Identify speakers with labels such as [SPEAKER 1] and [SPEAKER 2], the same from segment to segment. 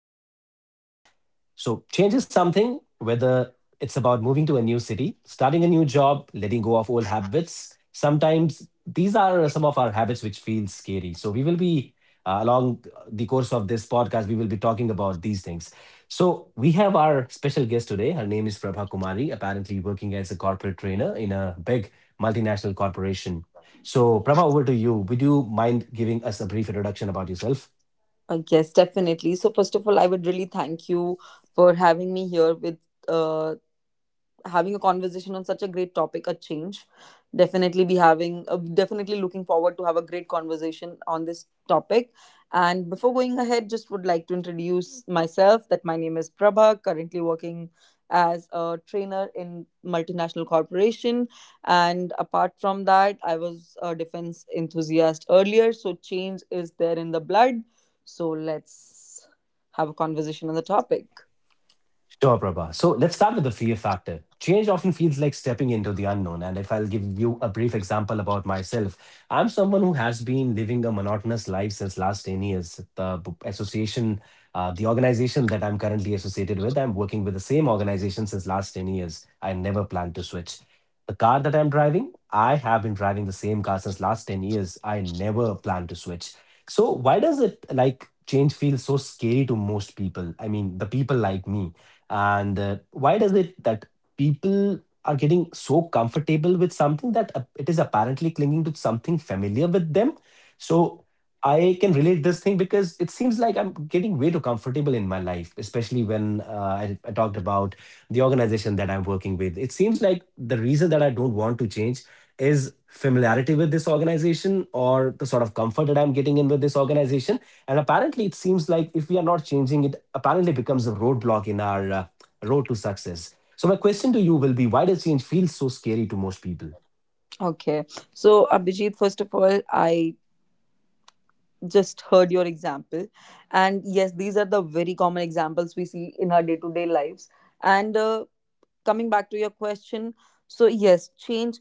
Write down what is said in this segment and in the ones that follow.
[SPEAKER 1] and that is change. So, change is something, whether it's about moving to a new city, starting a new job, letting go of old habits. Sometimes these are some of our habits which feel scary. So, we will be along the course of this podcast, we will be talking about these things. So, we have our special guest today. Her name is Prabha Kumari, apparently working as a corporate trainer in a big multinational corporation. So, Prabha, over to you. Would you mind giving us a brief introduction about yourself?
[SPEAKER 2] Yes, definitely. So, first of all, I would really thank you for having me here with uh, having a conversation on such a great topic a change, definitely be having definitely looking forward to have a great conversation on this topic. And before going ahead just would like to introduce myself that my name is prabha, currently working as a trainer in multinational corporation. And apart from that I was a defense enthusiast earlier, so change is there in the blood. So let's have a conversation on the topic.
[SPEAKER 1] Sure, Prabha. So let's start with the fear factor. Change often feels like stepping into the unknown. And if I'll give you a brief example about myself, I'm someone who has been living a monotonous life since last 10 years. The association, the organization that I'm currently associated with, I'm working with the same organization since last 10 years. I never plan to switch. The car that I'm driving, I have been driving the same car since last 10 years. I never plan to switch. So why does it like change feel so scary to most people? I mean, the people like me and why does it that people are getting so comfortable with something that it is apparently clinging to something familiar with them? So I can relate this thing because it seems like I'm getting way too comfortable in my life, especially when I talked about the organization that I'm working with. It seems like the reason that I don't want to change is familiarity with this organization or the sort of comfort that I'm getting in with this organization, and apparently, it seems like if we are not changing it, apparently becomes a roadblock in our road to success. So, my question to you will be why does change feel so scary to most people?
[SPEAKER 2] Okay, so, Abhijit, first of all, I just heard your example, and yes these are the very common examples we see in our day to day lives. And coming back to your question, so yes change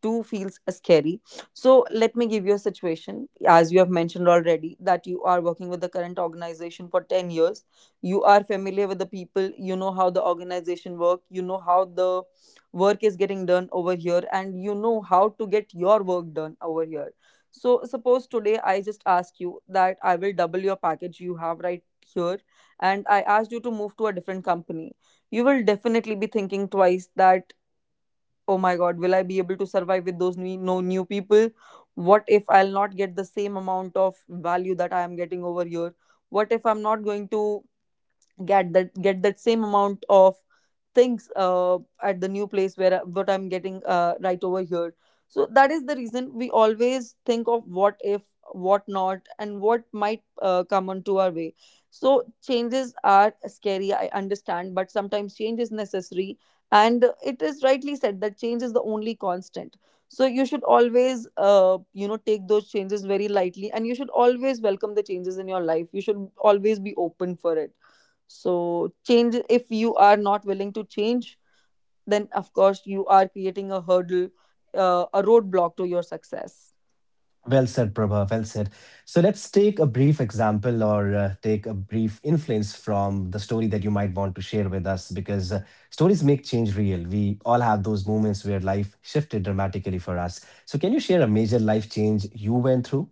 [SPEAKER 2] too feels scary. So let me give you a situation. As you have mentioned already, that you are working with the current organization for 10 years. You are familiar with the people, you know how the organization work, you know how the work is getting done over here, and you know how to get your work done over here. So suppose today I just ask you that I will double your package you have right here and I asked you to move to a different company. You will definitely be thinking twice that oh my god, will I be able to survive with those new people, what if I'll not get the same amount of value that I am getting over here, what if I'm not going to get that same amount of things at the new place where what I'm getting right over here. So that is the reason we always think of what if, what not, and what might come onto our way. So changes are scary, I understand, but sometimes change is necessary, and it is rightly said that change is the only constant. So you should always, you know, take those changes very lightly, and you should always welcome the changes in your life. You should always be open for it. So change, if you are not willing to change, then of course you are creating a hurdle, a roadblock to your success.
[SPEAKER 1] Well said, Prabha. Well said. So let's take a brief example or take a brief influence from the story that you might want to share with us because stories make change real. We all have those moments where life shifted dramatically for us. So, can you share a major life change you went through?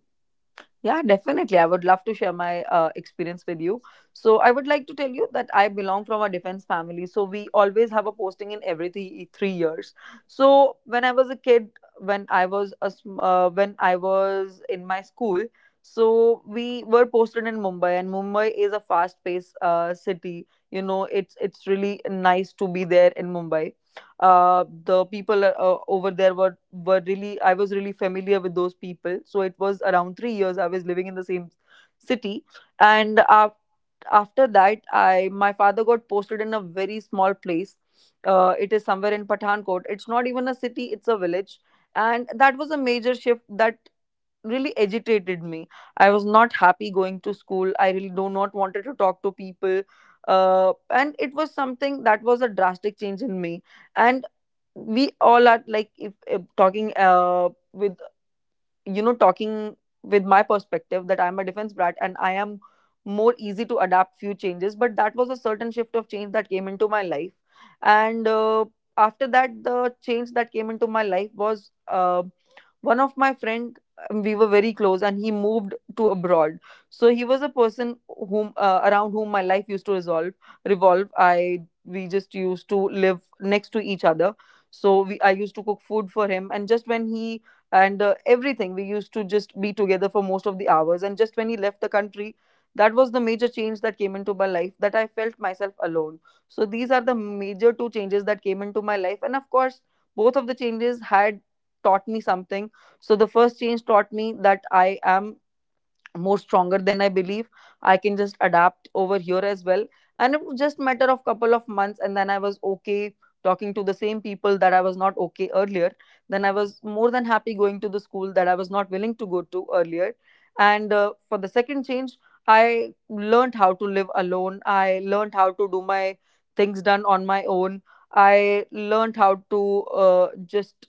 [SPEAKER 2] Yeah, definitely. I would love to share my experience with you. So, I would like to tell you that I belong from a defense family. So, we always have a posting in every three years. So, when I was a kid, when I was when I was in my school, so we were posted in Mumbai, and Mumbai is a fast-paced city. You know, it's really nice to be there in Mumbai. The people over there were really, I was really familiar with those people. So it was around three years I was living in the same city, and after that, I my father got posted in a very small place. It is somewhere in Pathankot. It's not even a city; it's a village, and that was a major shift that really agitated me. I was not happy going to school. I really do not wanted to talk to people. And it was something that was a drastic change in me. And we all are like if talking with, you know, talking with my perspective that I'm a defense brat and I am more easy to adapt few changes, but that was a certain shift of change that came into my life. And after that, the change that came into my life was one of my friend. We were very close and he moved to abroad. So he was a person whom, around whom my life used to resolve revolve. I We just used to live next to each other. So we I used to cook food for him and just when he, and everything, we used to just be together for most of the hours. And just when he left the country, that was the major change that came into my life, that I felt myself alone. So these are the major two changes that came into my life, and of course both of the changes had taught me something. So the first change taught me that I am more stronger than I believe. I can just adapt over here as well. And it was just matter of couple of months and then I was okay talking to the same people that I was not okay earlier. Then I was more than happy going to the school that I was not willing to go to earlier. And for the second change, I learned how to live alone. I learned how to do my things done on my own. I learned how to just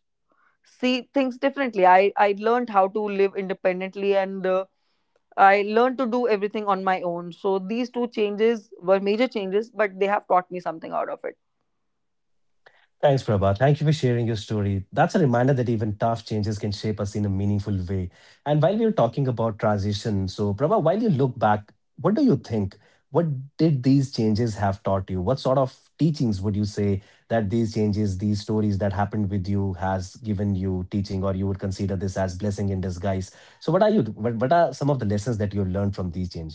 [SPEAKER 2] see things differently. I learned how to live independently, and I learned to do everything on my own. So these two changes were major changes, but they have taught me something out of it.
[SPEAKER 1] Thanks, Prabha. Thank you for sharing your story. That's a reminder that even tough changes can shape us in a meaningful way. And while we were talking about transition, so Prabha, while you look back, what do you think? What did these changes have taught you? What sort of teachings would you say that these changes, these stories that happened with you, has given you teaching, or you would consider this as blessing in disguise? So, what are you? What are some of the lessons that you learned from these changes?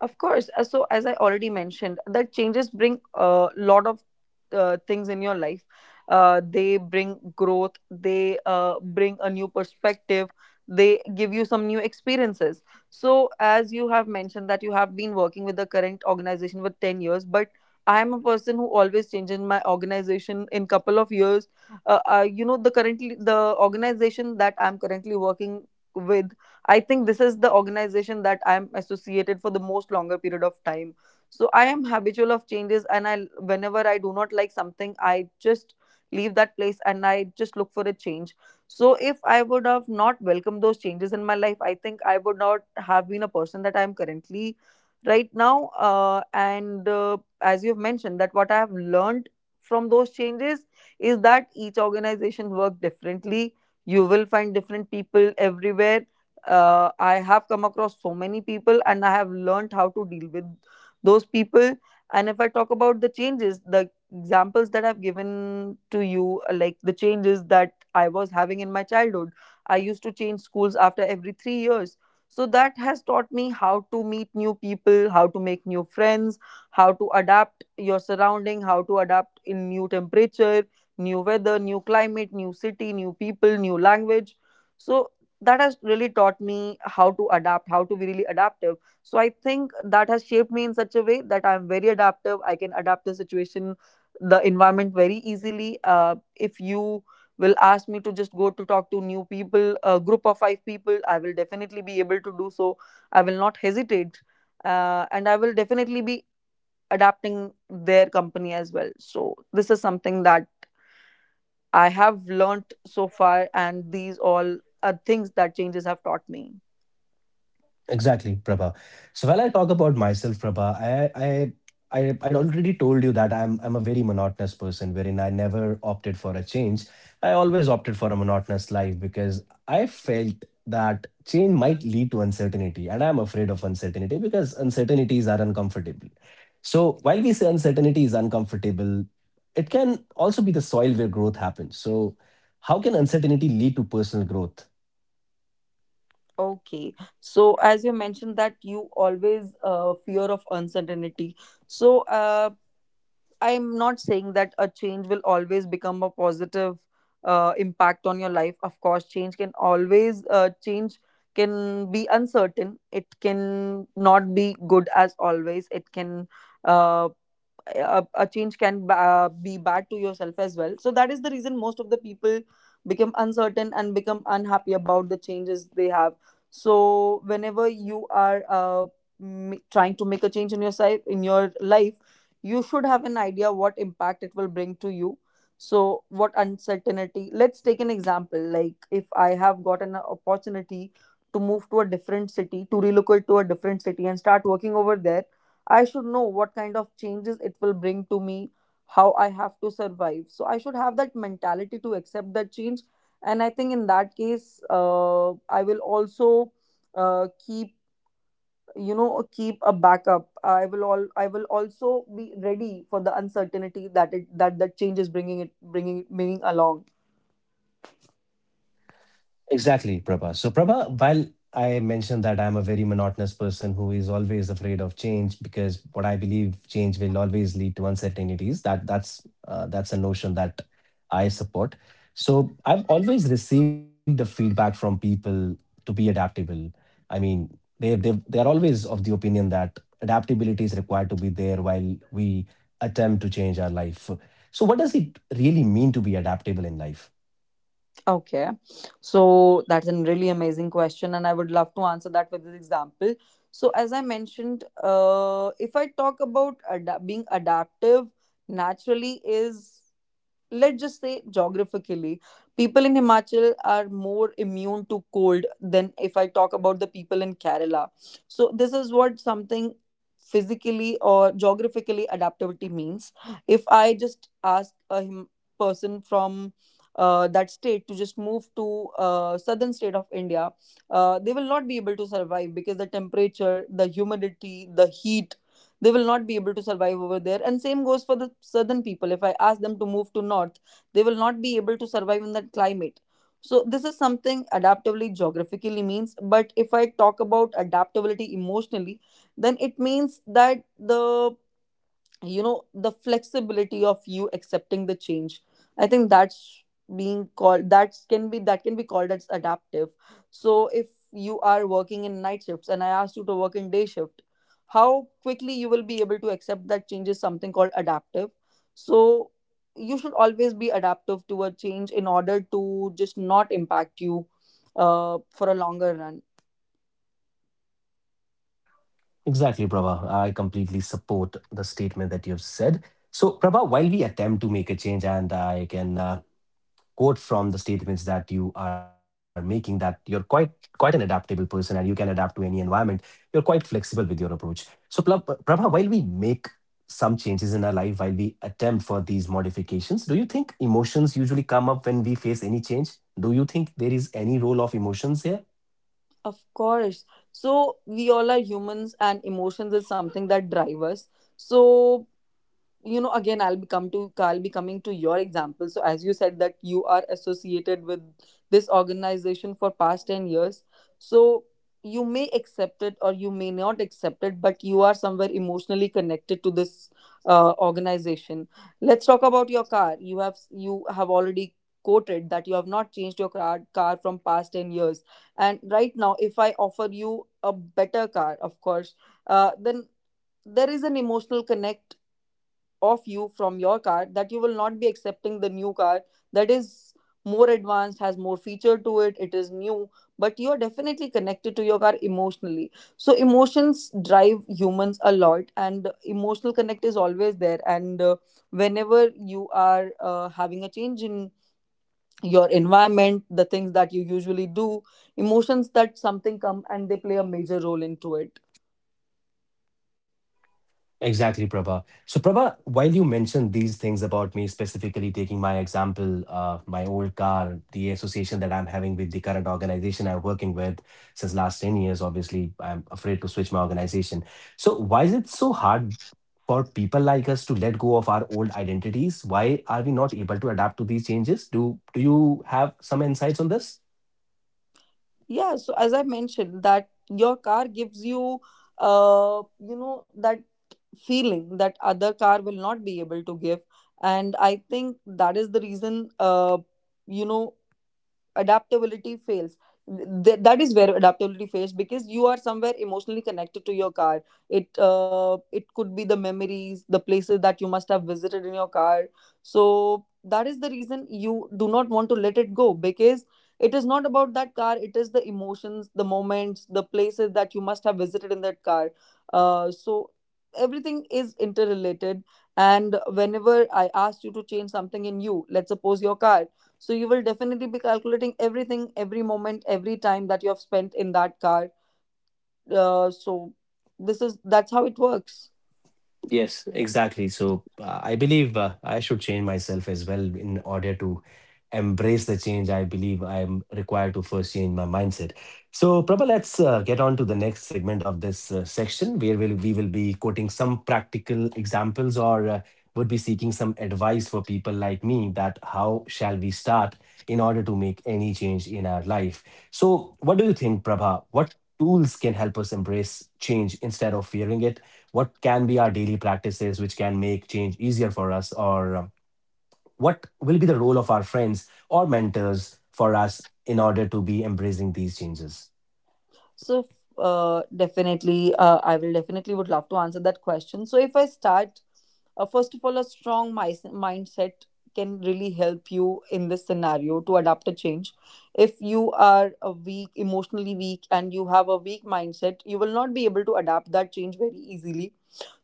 [SPEAKER 2] Of course. So, as I already mentioned, that changes bring a lot of things in your life. They bring growth, they bring a new perspective, they give you some new experiences. So, as you have mentioned, that you have been working with the current organization for 10 years, but I am a person who always changes my organization in couple of years. You know, the organization that I'm currently working with, I think this is the organization that I'm associated for the most longer period of time. So I am habitual of changes, and I whenever I do not like something, I just leave that place and I just look for a change. So if I would have not welcomed those changes in my life, I think I would not have been a person that I am currently right now. And As you've mentioned, that what I have learned from those changes is that each organization work differently. You will find different people everywhere. I have come across so many people and I have learned how to deal with those people. And if I talk about the changes, the examples that I've given to you, like the changes that I was having in my childhood, I used to change schools after every three years. So that has taught me how to meet new people, how to make new friends, how to adapt your surrounding, how to adapt in new temperature, new weather, new climate, new city, new people, new language. So that has really taught me how to adapt, how to be really adaptive. So I think that has shaped me in such a way that I'm very adaptive. I can adapt the situation, the environment very easily. If you will ask me to just go to talk to new people, a group of five people, I will definitely be able to do so. I will not hesitate, and I will definitely be adapting their company as well. So this is something that I have learnt so far, and these all are things that changes have taught me.
[SPEAKER 1] Exactly, Prabha. So while I talk about myself, Prabha, I already told you that I'm a very monotonous person wherein I never opted for a change. I always opted for a monotonous life because I felt that change might lead to uncertainty, and I'm afraid of uncertainty because uncertainties are uncomfortable. So while we say uncertainty is uncomfortable, it can also be the soil where growth happens. So how can uncertainty lead to personal growth?
[SPEAKER 2] Okay. So as you mentioned that you always fear of uncertainty. So I'm not saying that a change will always become a positive impact on your life. Of course, change can always change can be uncertain. It can not be good as always. It can uh, a change can be bad to yourself as well. So that is the reason most of the people become uncertain and become unhappy about the changes they have. So whenever you are trying to make a change in your in your life, you should have an idea what impact it will bring to you. So what uncertainty, let's take an example, like if I have got an opportunity to move to a different city, to relocate to a different city and start working over there, I should know what kind of changes it will bring to me, how I have to survive. So I should have that mentality to accept that change. And I think in that case, I will also keep, you know, keep a backup. I will all I will also be ready for the uncertainty that it that that change is bringing it bringing bringing along.
[SPEAKER 1] Exactly, Prabha. So, Prabha, while I mentioned that I'm a very monotonous person who is always afraid of change because what I believe change will always lead to uncertainties. That's a notion that I support. So, I've always received the feedback from people to be adaptable. I mean, they are always of the opinion that adaptability is required to be there while we attempt to change our life. So, what does it really mean to be adaptable in life?
[SPEAKER 2] Okay. So that's a really amazing question, and I would love to answer that with an example. So, as I mentioned, if I talk about ada- being adaptive, naturally is, let's just say, geographically, people in Himachal are more immune to cold than, if I talk about, the people in Kerala. So this is what something physically or geographically adaptability means. If I just ask a person from that state to just move to southern state of India, they will not be able to survive because the temperature, the humidity, the heat, they will not be able to survive over there. And same goes for the southern people. If I ask them to move to north, they will not be able to survive in that climate. So this is something adaptability geographically means. But if I talk about adaptability emotionally, then it means that, the the flexibility of you accepting the change. I think that's being called that can be called as adaptive. So if you are working in night shifts and I asked you to work in day shift, how quickly you will be able to accept that change is something called adaptive. So you should always be adaptive to a change in order to just not impact you for a longer run.
[SPEAKER 1] Exactly, Prabha. I completely support the statement that you've said. So, Prabha, while we attempt to make a change, and I can quote from the statements that you are making that you're quite an adaptable person and you can adapt to any environment, you're quite flexible with your approach. So, Prabha, while we make some changes in our life, while we attempt for these modifications, do you think emotions usually come up when we face any change? Do you think there is any role of emotions here?
[SPEAKER 2] Of course. So we all are humans and emotions is something that drive us. So, you know, again, I'll be coming to your example. So as you said that you are associated with this organization for past 10 years, so you may accept it or you may not accept it, but you are somewhere emotionally connected to this organization. Let's talk about your car. You have already quoted that you have not changed your car from past 10 years. And right now if I offer you a better car, of course, then there is an emotional connect of you from your car, that you will not be accepting the new car, that is more advanced, has more feature to it, it is new. But you are definitely connected to your car emotionally. So emotions drive humans a lot and emotional connect is always there. And whenever you are having a change in your environment, the things that you usually do, emotions that something come and they play a major role into it.
[SPEAKER 1] Exactly, Prabha. So, Prabha, while you mentioned these things about me specifically taking my example, my old car, the association that I'm having with the current organization I'm working with since last 10 years, obviously, I'm afraid to switch my organization. So, why is it so hard for people like us to let go of our old identities? Why are we not able to adapt to these changes? Do you have some insights on this?
[SPEAKER 2] Yeah, so as I mentioned, that your car gives you, you know, that feeling that other car will not be able to give. And I think that is the reason, you know, adaptability fails. That is where adaptability fails, because you are somewhere emotionally connected to your car. It it could be the memories, the places that you must have visited in your car. So that is the reason you do not want to let it go, because it is not about that car, it is the emotions, the moments, the places that you must have visited in that car. So everything is interrelated. And whenever I asked you to change something in you, let's suppose your car, so you will definitely be calculating everything, every moment, every time that you have spent in that car. So this is that's how it works.
[SPEAKER 1] Yes, exactly. So I believe I should change myself as well in order to embrace the change. I believe I'm required to first change my mindset. So Prabha, let's get on to the next segment of this section where we will be quoting some practical examples or would be seeking some advice for people like me that how shall we start in order to make any change in our life. So what do you think, Prabha? What tools can help us embrace change instead of fearing it? What can be our daily practices which can make change easier for us, or what will be the role of our friends or mentors for us in order to be embracing these changes?
[SPEAKER 2] So, definitely, I will definitely would love to answer that question. So if I start, first of all, a mindset can really help you in this scenario to adapt a change. If you are a weak emotionally weak and you have a weak mindset, you will not be able to adapt that change very easily.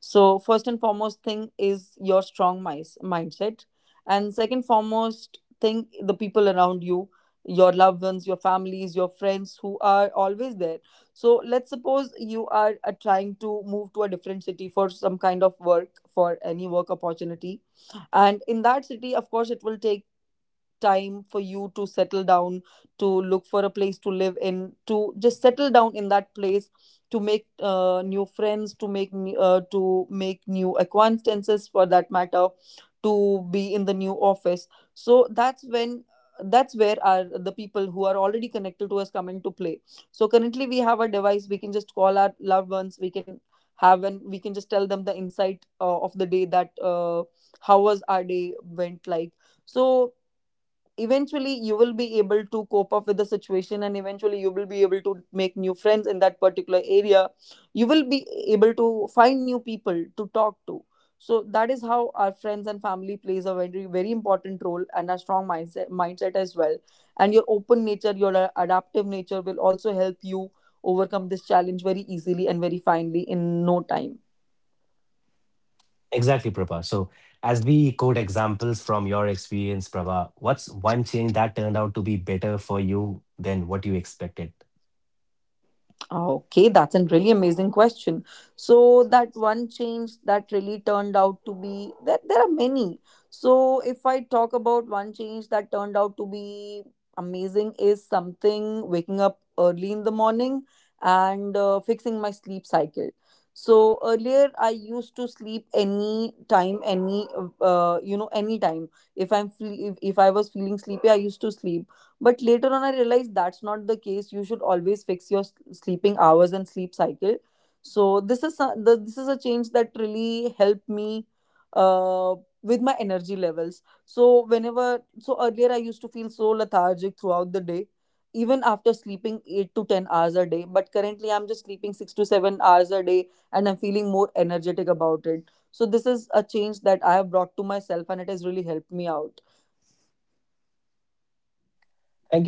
[SPEAKER 2] So first and foremost thing is your mindset. And second foremost thing, the people around you, your loved ones, your families, your friends who are always there. So let's suppose you are trying to move to a different city for some kind of work, for any work opportunity. And in that city, of course, it will take time for you to settle down, to look for a place to live in, to just settle down in that place, to make new friends, to make new acquaintances for that matter, to be in the new office. So that's when that's where are the people who are already connected to us come into play. So currently we have a device, we can just call our loved ones, we can just tell them the insight, of the day, that how was our day went like. So eventually you will be able to cope up with the situation, and eventually you will be able to make new friends in that particular area, you will be able to find new people to talk to. So that is how our friends and family plays a very, very important role, and a strong mindset as well. And your open nature, your adaptive nature will also help you overcome this challenge very easily and very finely in no time.
[SPEAKER 1] Exactly, Prabha. So as we quote examples from your experience, Prabha, what's one change that turned out to be better for you than what you expected?
[SPEAKER 2] Okay, that's a really amazing question. So that one change that really turned out to be there are many. So if I talk about one change that turned out to be amazing, is something waking up early in the morning and fixing my sleep cycle. So earlier I used to sleep any time, any you know any time, if I was feeling sleepy I used to sleep. But later on, I realized that's not the case. You should always fix your sleeping hours and sleep cycle. So this is a change that really helped me, uh, with my energy levels. So, whenever so earlier I used to feel so lethargic throughout the day, even after sleeping 8 to 10 hours a day. But currently, I'm just sleeping 6 to 7 hours a day, and I'm feeling more energetic about it. So this is a change that I have brought to myself, and it has really helped me out.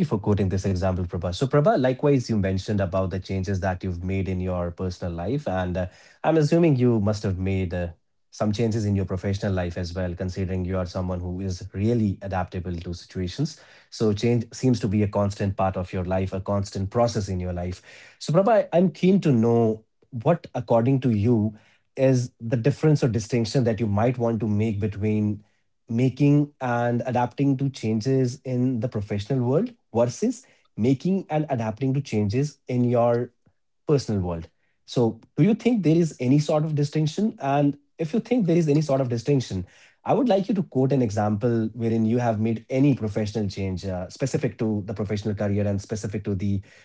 [SPEAKER 1] Thank you for quoting this example, Prabha. So, Prabha, likewise, you mentioned about the changes that you've made in your personal life, and I'm assuming you must have made some changes in your professional life as well, considering you are someone who is really adaptable to situations. So, change seems to be a constant part of your life, a constant process in your life. So, Prabha, I'm keen to know what, according to you, is the difference or distinction that you might want to make between making and adapting to changes in the professional world versus making and adapting to changes in your personal world. So, do you think there is any sort of distinction? And if you think there is any sort of distinction, I would like you to quote an example wherein you have made any professional change specific to the professional career and specific to the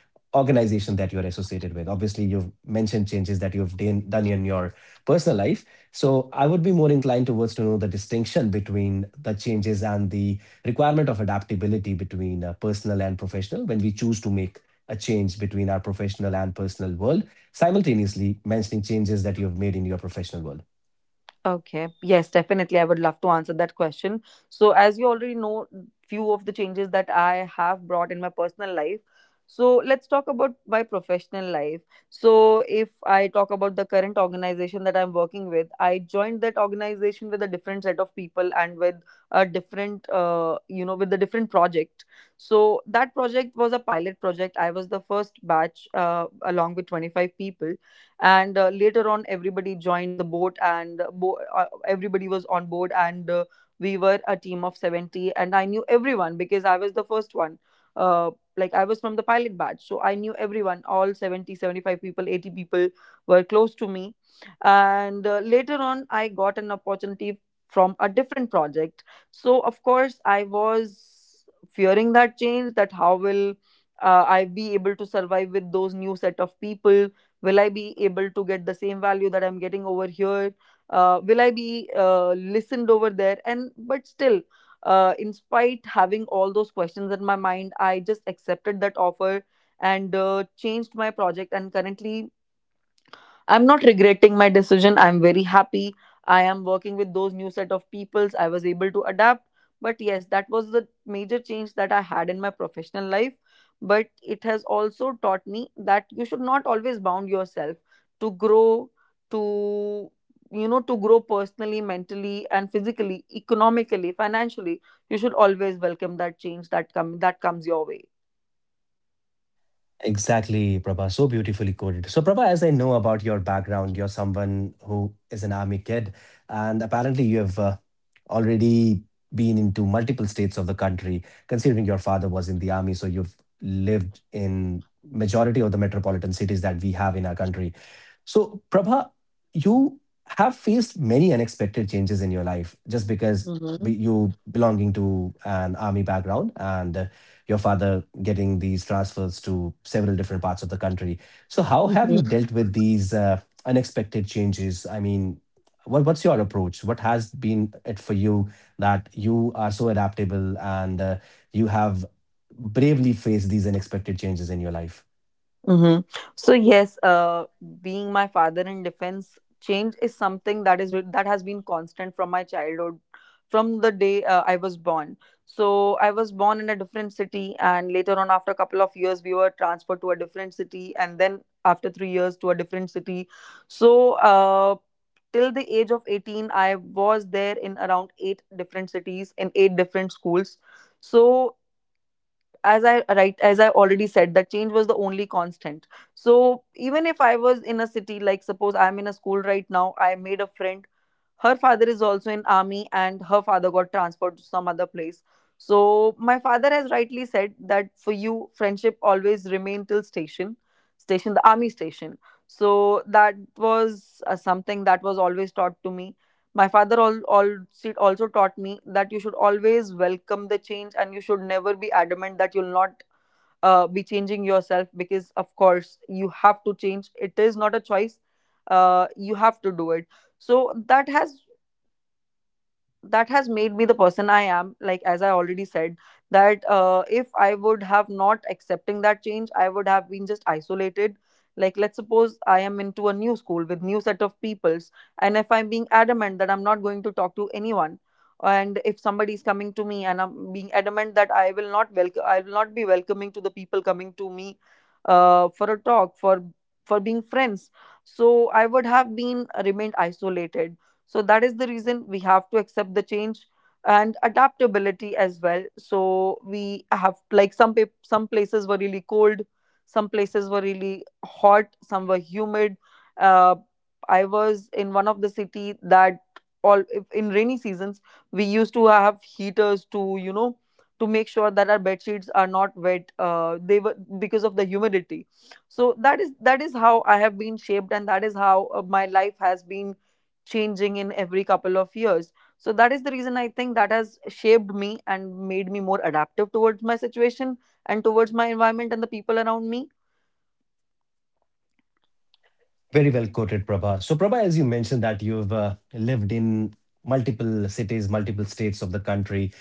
[SPEAKER 1] organization that you're associated with. Obviously, you've mentioned changes that you've done in your personal life. So I would be more inclined towards to know the distinction between the changes and the requirement of adaptability between personal and professional when we choose to make a change between our professional and personal world, simultaneously mentioning changes that you've made in your professional world.
[SPEAKER 2] Okay. Yes, definitely. I would love to answer that question. So, as you already know, few of the changes that I have brought in my personal life. So, let's talk about my professional life. So, if I talk about the current organization that I'm working with, I joined that organization with a different set of people, and with a different, you know, with a different project. So, that project was a pilot project. I was the first batch, along with 25 people. And later on, everybody joined the boat, and everybody was on board. And we were a team of 70, and I knew everyone because I was the first one. uh, like, I was from the pilot batch, so I knew everyone. All 70, 75 people, 80 people were close to me. And later on I got an opportunity from a different project. So of course I was fearing that change, that how will I be able to survive with those new set of people, will I be able to get the same value that I'm getting over here, will I be listened over there. And but still, in spite having all those questions in my mind, I just accepted that offer. And changed my project. And currently, I'm not regretting my decision. I'm very happy. I am working with those new set of peoples. I was able to adapt. But yes, that was the major change that I had in my professional life. But it has also taught me that you should not always bound yourself to grow, to, you know, to grow personally, mentally, and physically, economically, financially. You should always welcome that change that come that comes your way.
[SPEAKER 1] Exactly, Prabha. So beautifully coded. So, Prabha, as I know about your background, you're someone who is an army kid, and apparently you have already been into multiple states of the country. Considering your father was in the army, so you've lived in majority of the metropolitan cities that we have in our country. So, Prabha, you have faced many unexpected changes in your life just because
[SPEAKER 2] Mm-hmm.
[SPEAKER 1] you belonging to an army background and your father getting these transfers to several different parts of the country. So, how have you dealt with these unexpected changes? I mean, what's your approach? What has been it for you that you are so adaptable and you have bravely faced these unexpected changes in your life?
[SPEAKER 2] Mm-hmm. So yes, being my father in defense, change is something that is re- that has been constant from my childhood, from the day I was born. So I was born in a different city, and later on, after a couple of years, we were transferred to a different city, and then after 3 years to a different city. So till the age of 18, I was there in around eight different cities in eight different schools. So as I already said that change was the only constant. So even if I was in a city, like suppose I'm in a school right now, I made a friend, her father is also in army, and her father got transferred to some other place. So my father has rightly said that for you friendship always remain till station, the army station. So that was something that was always taught to me. My father also taught me that you should always welcome the change, and you should never be adamant that you'll not be changing yourself. Because, of course, you have to change. It is not a choice. You have to do it. So that has that has made me the person I am. Like as I already said, that if I would have not accepting that change, I would have been just isolated. Like, let's suppose I am into a new school with new set of peoples, and if I'm being adamant that I'm not going to talk to anyone, and if somebody is coming to me and I'm being adamant that I will not welcome, I will not be welcoming to the people coming to me, for a talk, for being friends. So I would have been remained isolated. So that is the reason we have to accept the change and adaptability as well. So we have like some places were really cold, some places were really hot, some were humid. Uh, I was in one of the city that all in rainy seasons we used to have heaters to, you know, to make sure that our bed sheets are not wet, they were, because of the humidity. So that is how I have been shaped, and that is how my life has been changing in every couple of years. So that is the reason I think that has shaped me and made me more adaptive towards my situation and towards my environment and the people around me.
[SPEAKER 1] Very well quoted, Prabha. So, Prabha, as you mentioned that you've lived in multiple cities, multiple states of the country,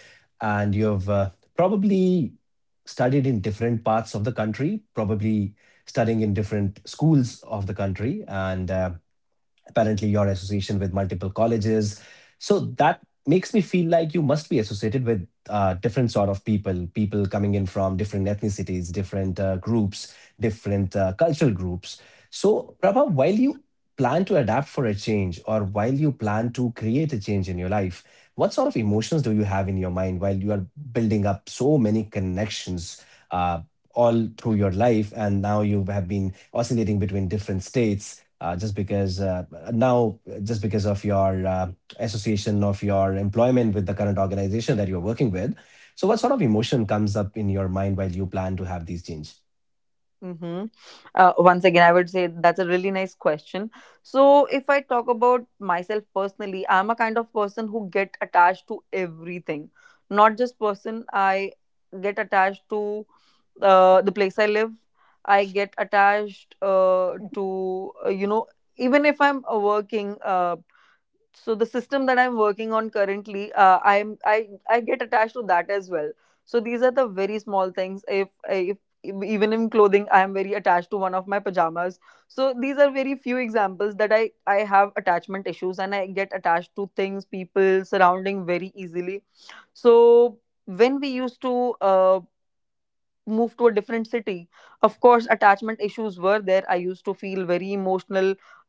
[SPEAKER 1] and you've probably studied in different parts of the country, probably studying in different schools of the country. And apparently, your association with multiple colleges. So that makes me feel like you must be associated with different sort of people, people coming in from different ethnicities, different groups, different cultural groups. So, Prabha, while you plan to adapt for a change or while you plan to create a change in your life, what sort of emotions do you have in your mind while you are building up so many connections uh, all through your life? And now you have been oscillating between different states just because now just because of your association of your employment with the current organization that you're working with, so what sort of emotion comes up in your mind while you plan to have these change?
[SPEAKER 2] Mm-hmm. Once again, I would say that's a really nice question. So, if I talk about myself personally, I'm a kind of person who get attached to everything, not just person. I get attached to the place I live. I get attached to you know, even if I'm working. So the system that I'm working on currently, I get attached to that as well. So these are the very small things. If even in clothing I am very attached to one of my pajamas. So these are very few examples that I have attachment issues and I get attached to things, people surrounding, very easily. So when we used to uh, moved to a different city, of course attachment issues were there. I used to feel very emotional,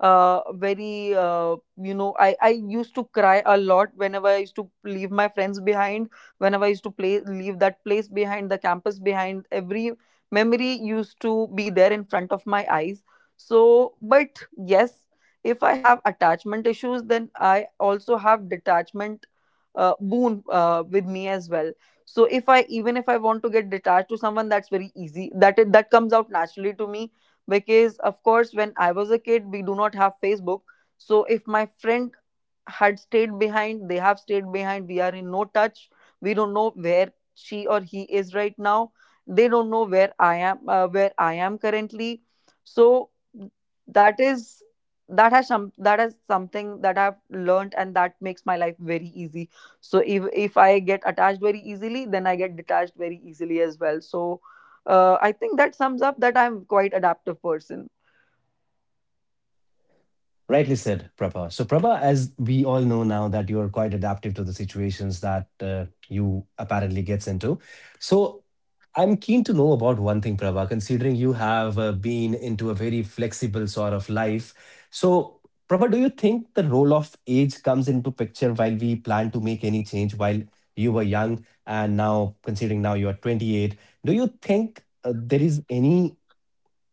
[SPEAKER 2] very you know, I used to cry a lot whenever I used to leave my friends behind, whenever I used to play leave that place behind, the campus behind, every memory used to be there in front of my eyes. So but yes, if I have attachment issues, then I also have detachment, boon with me as well. So if I, even if I want to get detached to someone, that's very easy, that it, that comes out naturally to me. Because of course when I was a kid, we do not have Facebook. So if my friend had stayed behind, they have stayed behind, we are in no touch. We don't know where she or he is right now. They don't know where I am, where I am currently. So that is that has some, that is something that I've learned, and that makes my life very easy. So if I get attached very easily, then I get detached very easily as well. So I think that sums up that I'm quite adaptive person.
[SPEAKER 1] Rightly said, Prabha. So, Prabha, as we all know now, that you are quite adaptive to the situations that you apparently gets into. So, I'm keen to know about one thing, Prabha. Considering you have been into a very flexible sort of life, so Prabha, do you think the role of age comes into picture while we plan to make any change? While you were young, and now considering now you are 28, do you think there is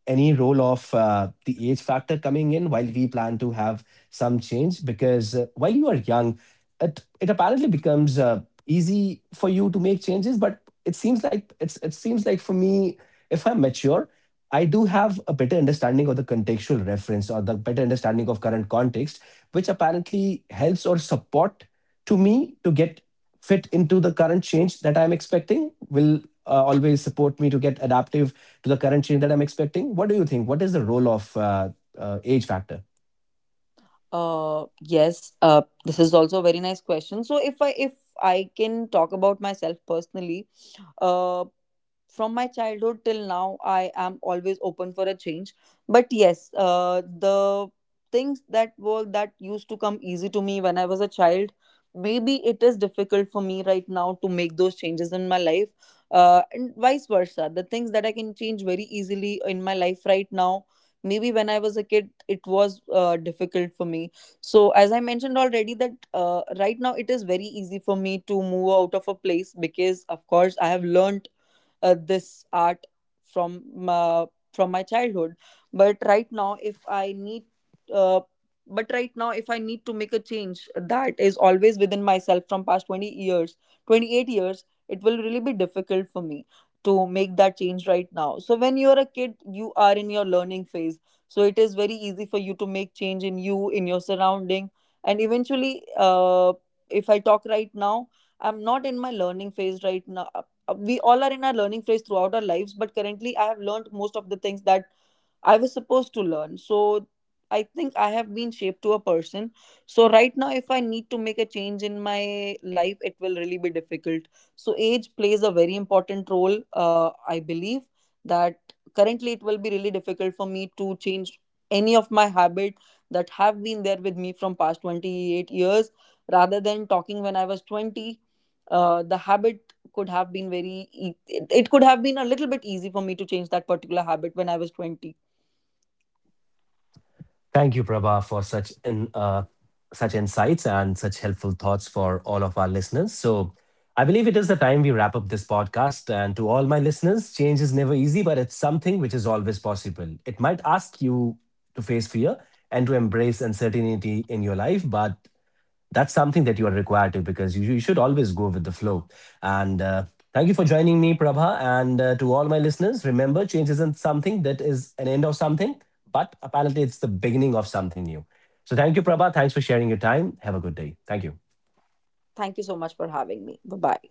[SPEAKER 1] any role of the age factor coming in while we plan to have some change because while you are young, it apparently becomes easy for you to make changes, but it seems like it seems like for me if I'm mature, I do have a better understanding of the contextual reference or the better understanding of current context which apparently helps or support to me to get fit into the current change that I'm expecting will always support me to get adaptive to the current change that I'm expecting? What do you think? What is the role of age factor?
[SPEAKER 2] Yes, uh, this is also a very nice question. So if I can talk about myself personally, uh, from my childhood till now I am always open for a change. But yes, the things that were, that used to come easy to me when I was a child, maybe it is difficult for me right now to make those changes in my life. And vice versa, the things that I can change very easily in my life right now, maybe when I was a kid it was difficult for me. So as I mentioned already that right now it is very easy for me to move out of a place, because of course I have learned this art from uh, from my childhood. but right now if i need uh, but right now if I need to make a change that is always within myself from past 20 years, 28 years, it will really be difficult for me to make that change right now. So when you're a kid you are in your learning phase, so it is very easy for you to make change in you, in your surrounding. And eventually, if I talk right now, I'm not in my learning phase right now. We all are in our learning phase throughout our lives, but currently I have learned most of the things that I was supposed to learn. So I think I have been shaped to a person. So right now, if I need to make a change in my life, it will really be difficult. So age plays a very important role. I believe that currently it will be really difficult for me to change any of my habit that have been there with me from past 28 years, rather than talking when I was 20. Uh, the habit could have been very e- it could have been a little bit easy for me to change that particular habit when I was 20.
[SPEAKER 1] Thank you, Prabha, for such such insights and such helpful thoughts for all of our listeners. So, I believe it is the time we wrap up this podcast. And to all my listeners, change is never easy, but it's something which is always possible. It might ask you to face fear and to embrace uncertainty in your life, but that's something that you are required to because you should always go with the flow. And thank you for joining me, Prabha. And to all my listeners, remember change isn't something that is an end of something, but apparently it's the beginning of something new. So thank you, Prabha. Thanks for sharing your time. Have a good day. Thank you.
[SPEAKER 2] Thank you so much for having me. Bye bye.